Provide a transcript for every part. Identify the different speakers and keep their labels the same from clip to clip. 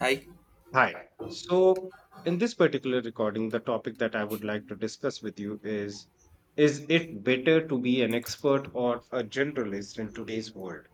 Speaker 1: Hi.
Speaker 2: Hi. So, in this particular recording, the topic that I would like to discuss with you is: Is it better to be an expert or a generalist in today's world?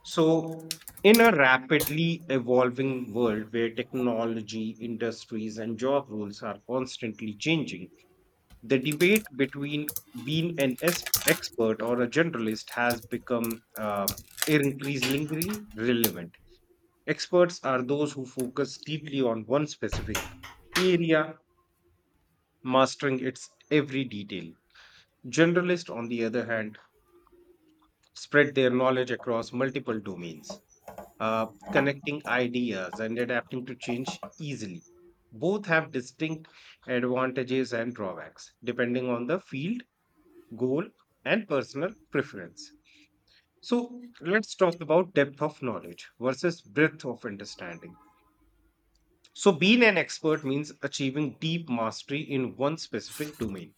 Speaker 2: So, in a rapidly evolving world where technology, industries, and job roles are constantly changing, the debate between being an expert or a generalist has become increasingly relevant. Experts are those who focus deeply on one specific area, mastering its every detail. Generalists, on the other hand, spread their knowledge across multiple domains, connecting ideas and adapting to change easily. Both have distinct advantages and drawbacks, depending on the field, goal, and personal preference. So, let's talk about depth of knowledge versus breadth of understanding. So, being an expert means achieving deep mastery in one specific domain,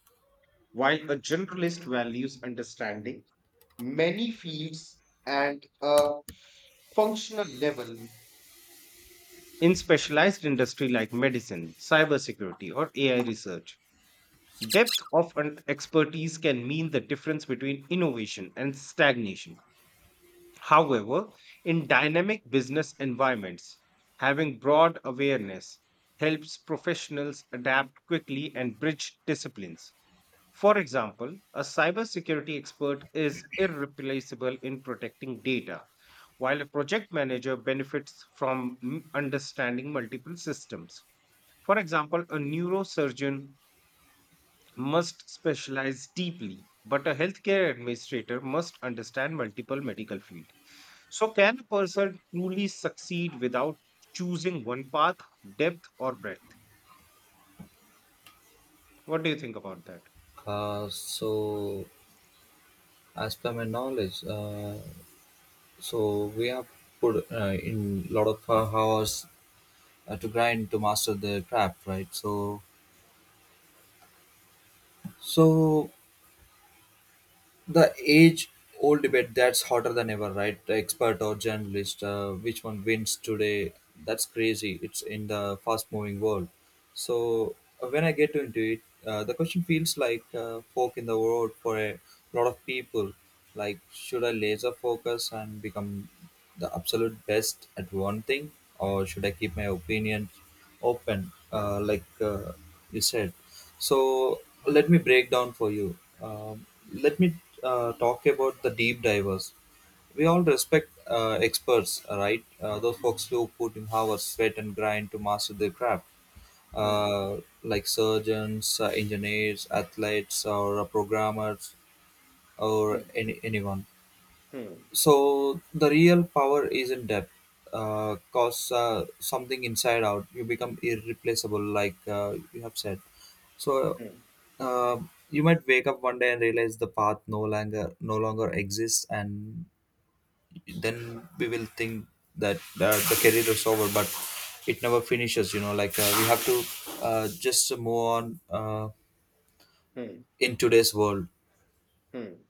Speaker 2: while a generalist values understanding many fields at a functional level. In specialized industry like medicine, cybersecurity, or AI research, depth of expertise can mean the difference between innovation and stagnation. However, in dynamic business environments, having broad awareness helps professionals adapt quickly and bridge disciplines. For example, a cybersecurity expert is irreplaceable in protecting data, while a project manager benefits from understanding multiple systems. For example, a neurosurgeon must specialize deeply, but a healthcare administrator must understand multiple medical fields. So, can a person truly succeed without choosing one path, depth, or breadth? What do you think about that?
Speaker 1: Uh, so, as per my knowledge, so we have put in lot of hours to grind to master the craft, right? So the age old debate that's hotter than ever, right? The expert or journalist, which one wins today? That's crazy. It's in the fast moving world. So when I get into it, the question feels like fork in the road for a lot of people. Like, should I laser focus and become the absolute best at one thing, or should I keep my opinion open, like you said. So let me break down for you. um, Let me talk about the deep divers. We all respect experts, right? Those folks who put in hours, sweat and grind to master their craft,
Speaker 2: Hmm,
Speaker 1: uh, like surgeons, engineers, athletes, or programmers, or
Speaker 2: hmm,
Speaker 1: anyone.
Speaker 2: hmm,
Speaker 1: So the real power isn't depth. Cause something inside out, you become irreplaceable, like you have said. So
Speaker 2: hmm,
Speaker 1: uh, you might wake up one day and realize the path no longer exists, and then we will think that the career is over, but it never finishes, you know, like we have to just move on
Speaker 2: hmm,
Speaker 1: in today's world.
Speaker 2: hmm,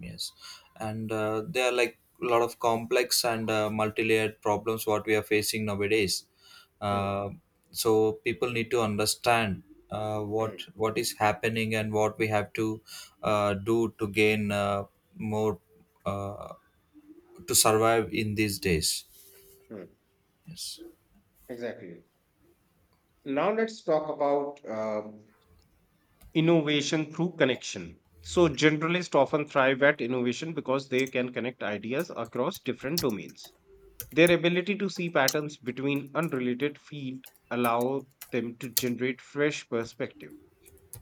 Speaker 1: Yes, and there are like a lot of complex and multi-layered problems what we are facing nowadays.
Speaker 2: hmm,
Speaker 1: Uh, so people need to understand what
Speaker 2: hmm.
Speaker 1: what is happening and what we have to do to gain more uh, to survive in these days.
Speaker 2: Mm.
Speaker 1: Yes.
Speaker 2: Exactly. Now let's talk about innovation through connection. So generalists often thrive at innovation because they can connect ideas across different domains. Their ability to see patterns between unrelated fields allow them to generate fresh perspective.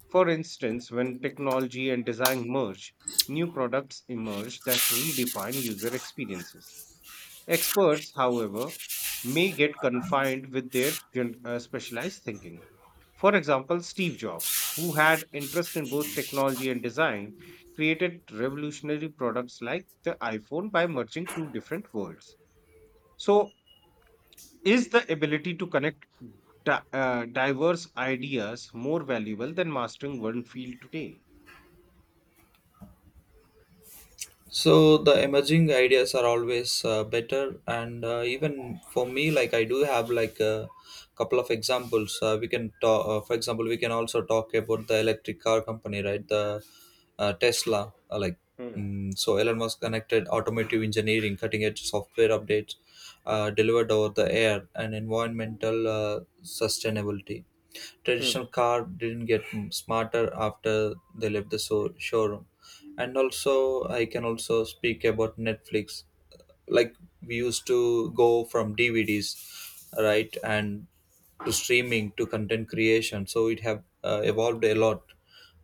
Speaker 2: For instance, when technology and design merge, new products emerge that redefine user experiences. Experts, however, may get confined with their specialized thinking. For example, Steve Jobs, who had interest in both technology and design, created revolutionary products like the iPhone by merging two different worlds. So, is the ability to connect diverse ideas more valuable than mastering one field today?
Speaker 1: So the emerging ideas are always better, and even for me, like I do have like a couple of examples. We can talk, for example, we can also talk about the electric car company, right? The Tesla, uh, like
Speaker 2: Hmm,
Speaker 1: mm So Elon Musk connected automotive engineering, cutting edge software updates delivered over the air, and environmental sustainability. Traditional
Speaker 2: hmm,
Speaker 1: car didn't get smarter after they left the showroom. And also I can also speak about Netflix. Like, we used to go from DVDs, right? And to streaming, to content creation, so it have evolved a lot.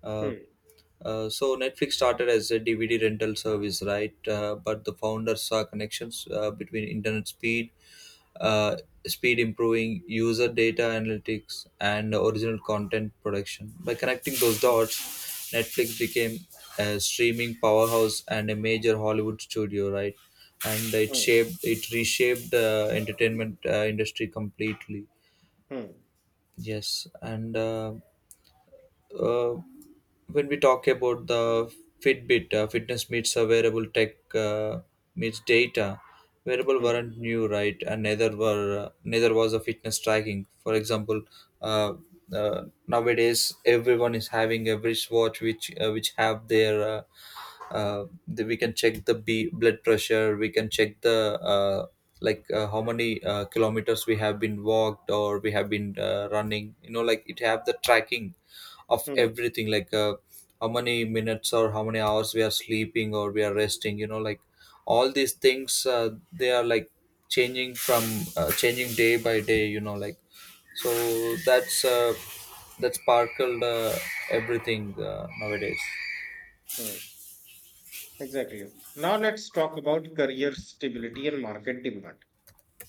Speaker 1: uh,
Speaker 2: hmm,
Speaker 1: so Netflix started as a DVD rental service, right? But the founders saw connections between internet uh, speed improving, user data analytics, and original content production. By connecting those dots, Netflix became a streaming powerhouse and a major Hollywood studio, right? And it
Speaker 2: hmm,
Speaker 1: shaped, it reshaped the entertainment industry completely.
Speaker 2: hmm,
Speaker 1: Yes, and. Uh, when we talk about the Fitbit, fitness meets a wearable tech meets data. Wearable
Speaker 2: hmm, hmm,
Speaker 1: weren't new, right? And neither was the fitness tracking. For example, uh, nowadays everyone is having a wristwatch which have their we can check the B blood pressure, we can check the how many kilometers we have been walked, or we have been running. You know, like it have the tracking of
Speaker 2: hmm,
Speaker 1: everything, like how many minutes or how many hours we are sleeping or we are resting, you know, like all these things they are like changing from changing day by day, you know, like. So that's sparkled everything nowadays.
Speaker 2: hmm. Exactly. Now let's talk about career stability and market demand.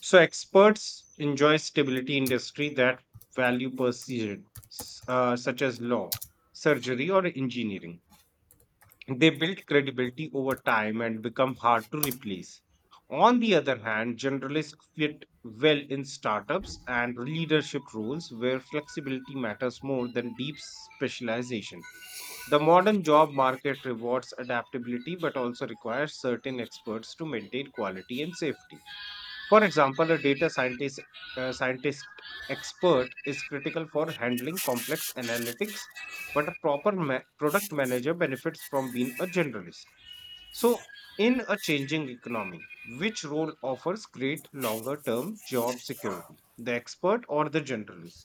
Speaker 2: So experts enjoy stability industry that value precision, such as law, surgery, or engineering. They build credibility over time and become hard to replace. On the other hand, generalists fit well in startups and leadership roles where flexibility matters more than deep specialization. The modern job market rewards adaptability but also requires certain experts to maintain quality and safety. For example, a data scientist expert is critical for handling complex analytics, but a proper product manager benefits from being a generalist. So, in a changing economy, which role offers great longer term job security, the expert or the generalist?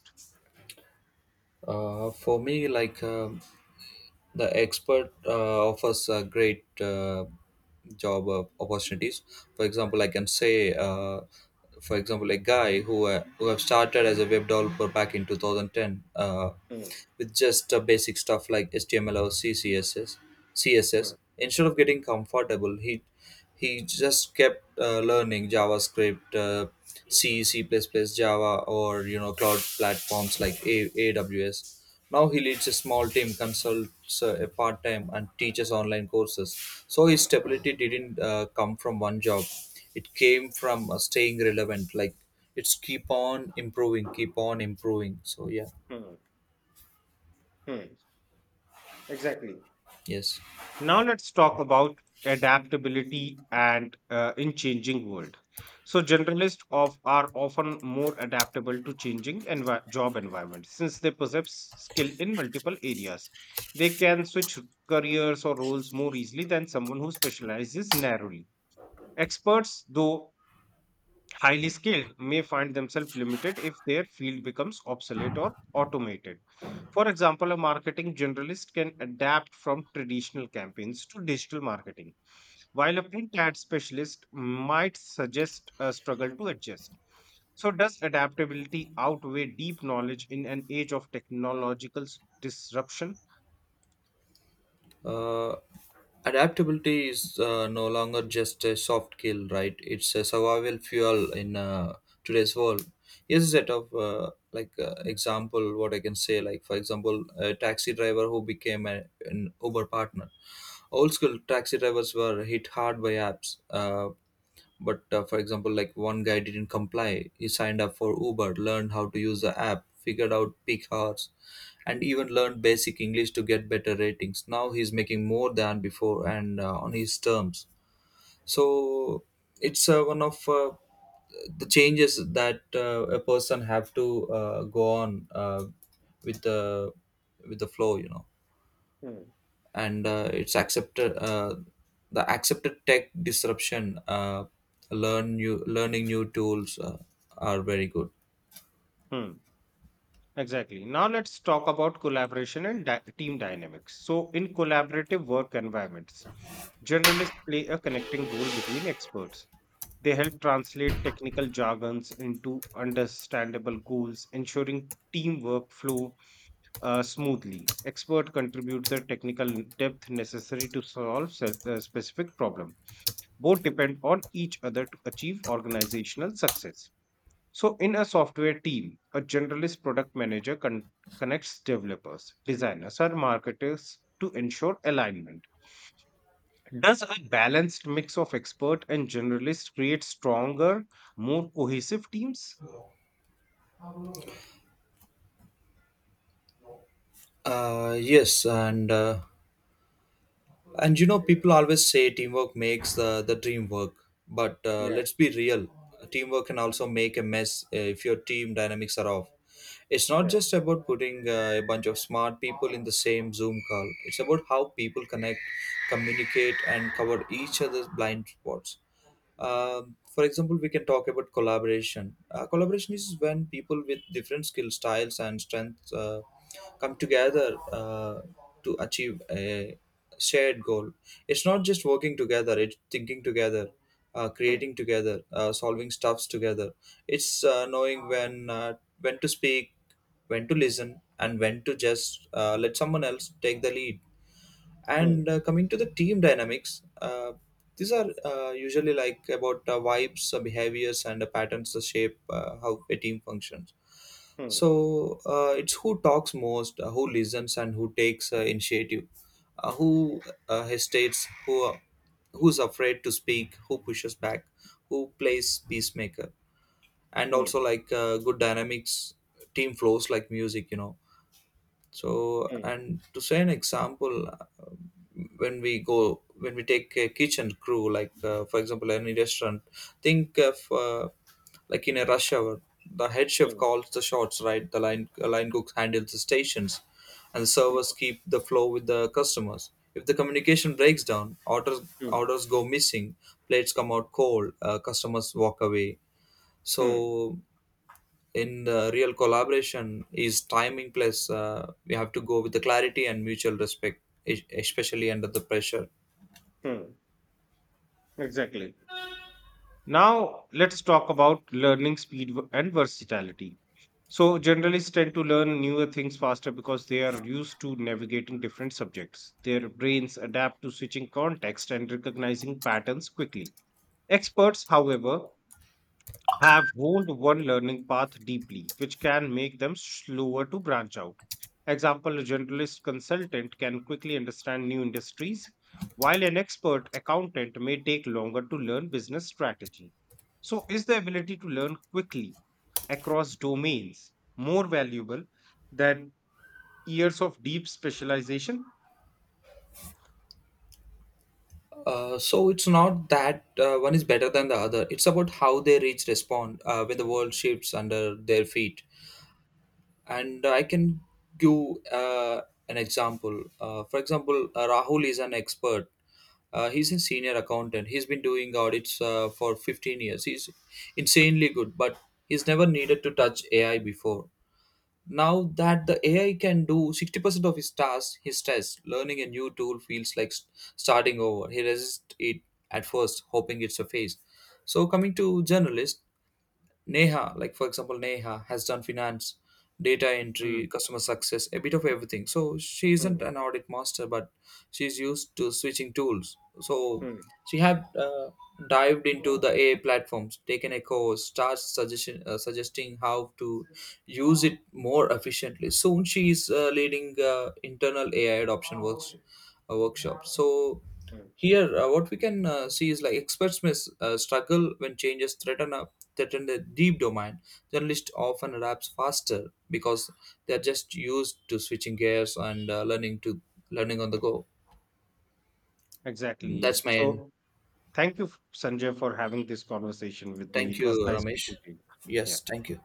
Speaker 1: For me, like the expert offers a great job opportunities. For example, I can say, for example, a guy who have started as a web developer back in 2010,
Speaker 2: Hmm,
Speaker 1: with just basic stuff like HTML or CSS.
Speaker 2: hmm,
Speaker 1: CSS. Instead of getting comfortable, he just kept learning JavaScript, C++, Java, or, you know, cloud platforms like AWS. Now he leads a small team, consults a part time, and teaches online courses. So his stability didn't come from one job; it came from staying relevant. Like, it's keep on improving, keep on improving. So yeah,
Speaker 2: hmm, hmm. Exactly.
Speaker 1: yes.
Speaker 2: Now let's talk about adaptability and, in changing world. So generalists of are often more adaptable to changing job environments, since they possess skill in multiple areas. They can switch careers or roles more easily than someone who specializes narrowly. Experts, though highly skilled, may find themselves limited if their field becomes obsolete or automated. For example, a marketing generalist can adapt from traditional campaigns to digital marketing, while a print ad specialist might suggest a struggle to adjust. So, does adaptability outweigh deep knowledge in an age of technological disruption?
Speaker 1: Uh, Adaptability is no longer just a soft skill, right? It's a survival fuel in today's world. Here's a set of example what I can say. Like, for example, a taxi driver who became an Uber partner. Old school taxi drivers were hit hard by apps. But for example, like one guy didn't comply. He signed up for Uber, learned how to use the app, figured out peak hours, and even learned basic English to get better ratings. Now he's making more than before, and on his terms. So it's one of the changes that a person have to go on with the with the flow. You know,
Speaker 2: Hmm.
Speaker 1: and it's accepted the accepted tech disruption, learning new tools are very good.
Speaker 2: Hmm. Exactly. Now let's talk about collaboration and team dynamics. So, in collaborative work environments, journalists play a connecting role between experts. They help translate technical jargons into understandable goals, ensuring teamwork flow smoothly. Experts contribute the technical depth necessary to solve a specific problem. Both depend on each other to achieve organizational success. So, in a software team, a generalist product manager connects developers, designers, and marketers to ensure alignment. Does a balanced mix of expert and generalist create stronger, more cohesive teams?
Speaker 1: Yes, and and, you know, people always say teamwork makes the dream work, but
Speaker 2: Yeah,
Speaker 1: let's be real. Teamwork can also make a mess if your team dynamics are off. It's not
Speaker 2: yeah.
Speaker 1: just about putting a bunch of smart people in the same Zoom call. It's about how people connect, communicate, and cover each other's blind spots. For example, we can talk about collaboration. Collaboration is when people with different skill styles and strengths come together to achieve a shared goal. It's not just working together; it's thinking together,
Speaker 2: Hmm,
Speaker 1: creating together, solving stuffs together. It's knowing when to speak, when to listen, and when to just let someone else take the lead.
Speaker 2: hmm,
Speaker 1: And coming to the team dynamics, these are usually like about vibes, behaviors, and patterns that shape how a team functions.
Speaker 2: hmm,
Speaker 1: So it's who talks most, who listens, and who takes initiative, who hesitates, who who's afraid to speak, who pushes back, who plays peacemaker, and
Speaker 2: hmm,
Speaker 1: also like good dynamics, team flows like music, you know. So,
Speaker 2: hmm,
Speaker 1: and to say an example, when we go, when we take a kitchen crew, like for example, any restaurant, think of like, in a rush hour, the head chef
Speaker 2: hmm,
Speaker 1: calls the shots, right? The line cook handles the stations, and the servers keep the flow with the customers. If the communication breaks down, orders
Speaker 2: hmm, hmm,
Speaker 1: orders go missing, plates come out cold, customers walk away.
Speaker 2: hmm,
Speaker 1: So in the real, collaboration is timing plus we have to go with the clarity and mutual respect, especially under the pressure.
Speaker 2: hmm. Exactly. Now, let's talk about learning speed and versatility. So, generalists tend to learn newer things faster because they are used to navigating different subjects. Their brains adapt to switching context and recognizing patterns quickly. Experts, however, have honed one learning path deeply, which can make them slower to branch out. Example, a generalist consultant can quickly understand new industries, while an expert accountant may take longer to learn business strategy. So, is the ability to learn quickly across domains more valuable than years of deep specialization?
Speaker 1: So it's not that one is better than the other. It's about how they reach respond when the world shifts under their feet. And I can give uh, an example, for example, Rahul is an expert. He's a senior accountant. He's been doing audits for 15 years. He's insanely good, but he's never needed to touch AI before. Now that the AI can do 60% of his tasks, his test, learning a new tool feels like starting over. He resists it at first, hoping it's a phase. So, coming to journalists, Neha, like for example, Neha has done finance, data entry,
Speaker 2: Hmm,
Speaker 1: customer success, a bit of everything. So she isn't
Speaker 2: hmm,
Speaker 1: an audit master, but she's used to switching tools. So
Speaker 2: hmm,
Speaker 1: she had dived into the AI platforms, taken a course, suggesting how to use it more efficiently. Soon she is leading internal AI adoption works a workshop. So
Speaker 2: hmm.
Speaker 1: here, what we can see is like experts may struggle when changes threaten the deep domain. Journalists often adapts faster because they are just used to switching gears and learning on the go.
Speaker 2: Exactly.
Speaker 1: That's my end.
Speaker 2: So, thank you, Sanjay, for having this conversation with me.
Speaker 1: Thank
Speaker 2: It was
Speaker 1: you,
Speaker 2: nice
Speaker 1: Ramesh.
Speaker 2: speaking to you. Yeah.
Speaker 1: Yes, thank you.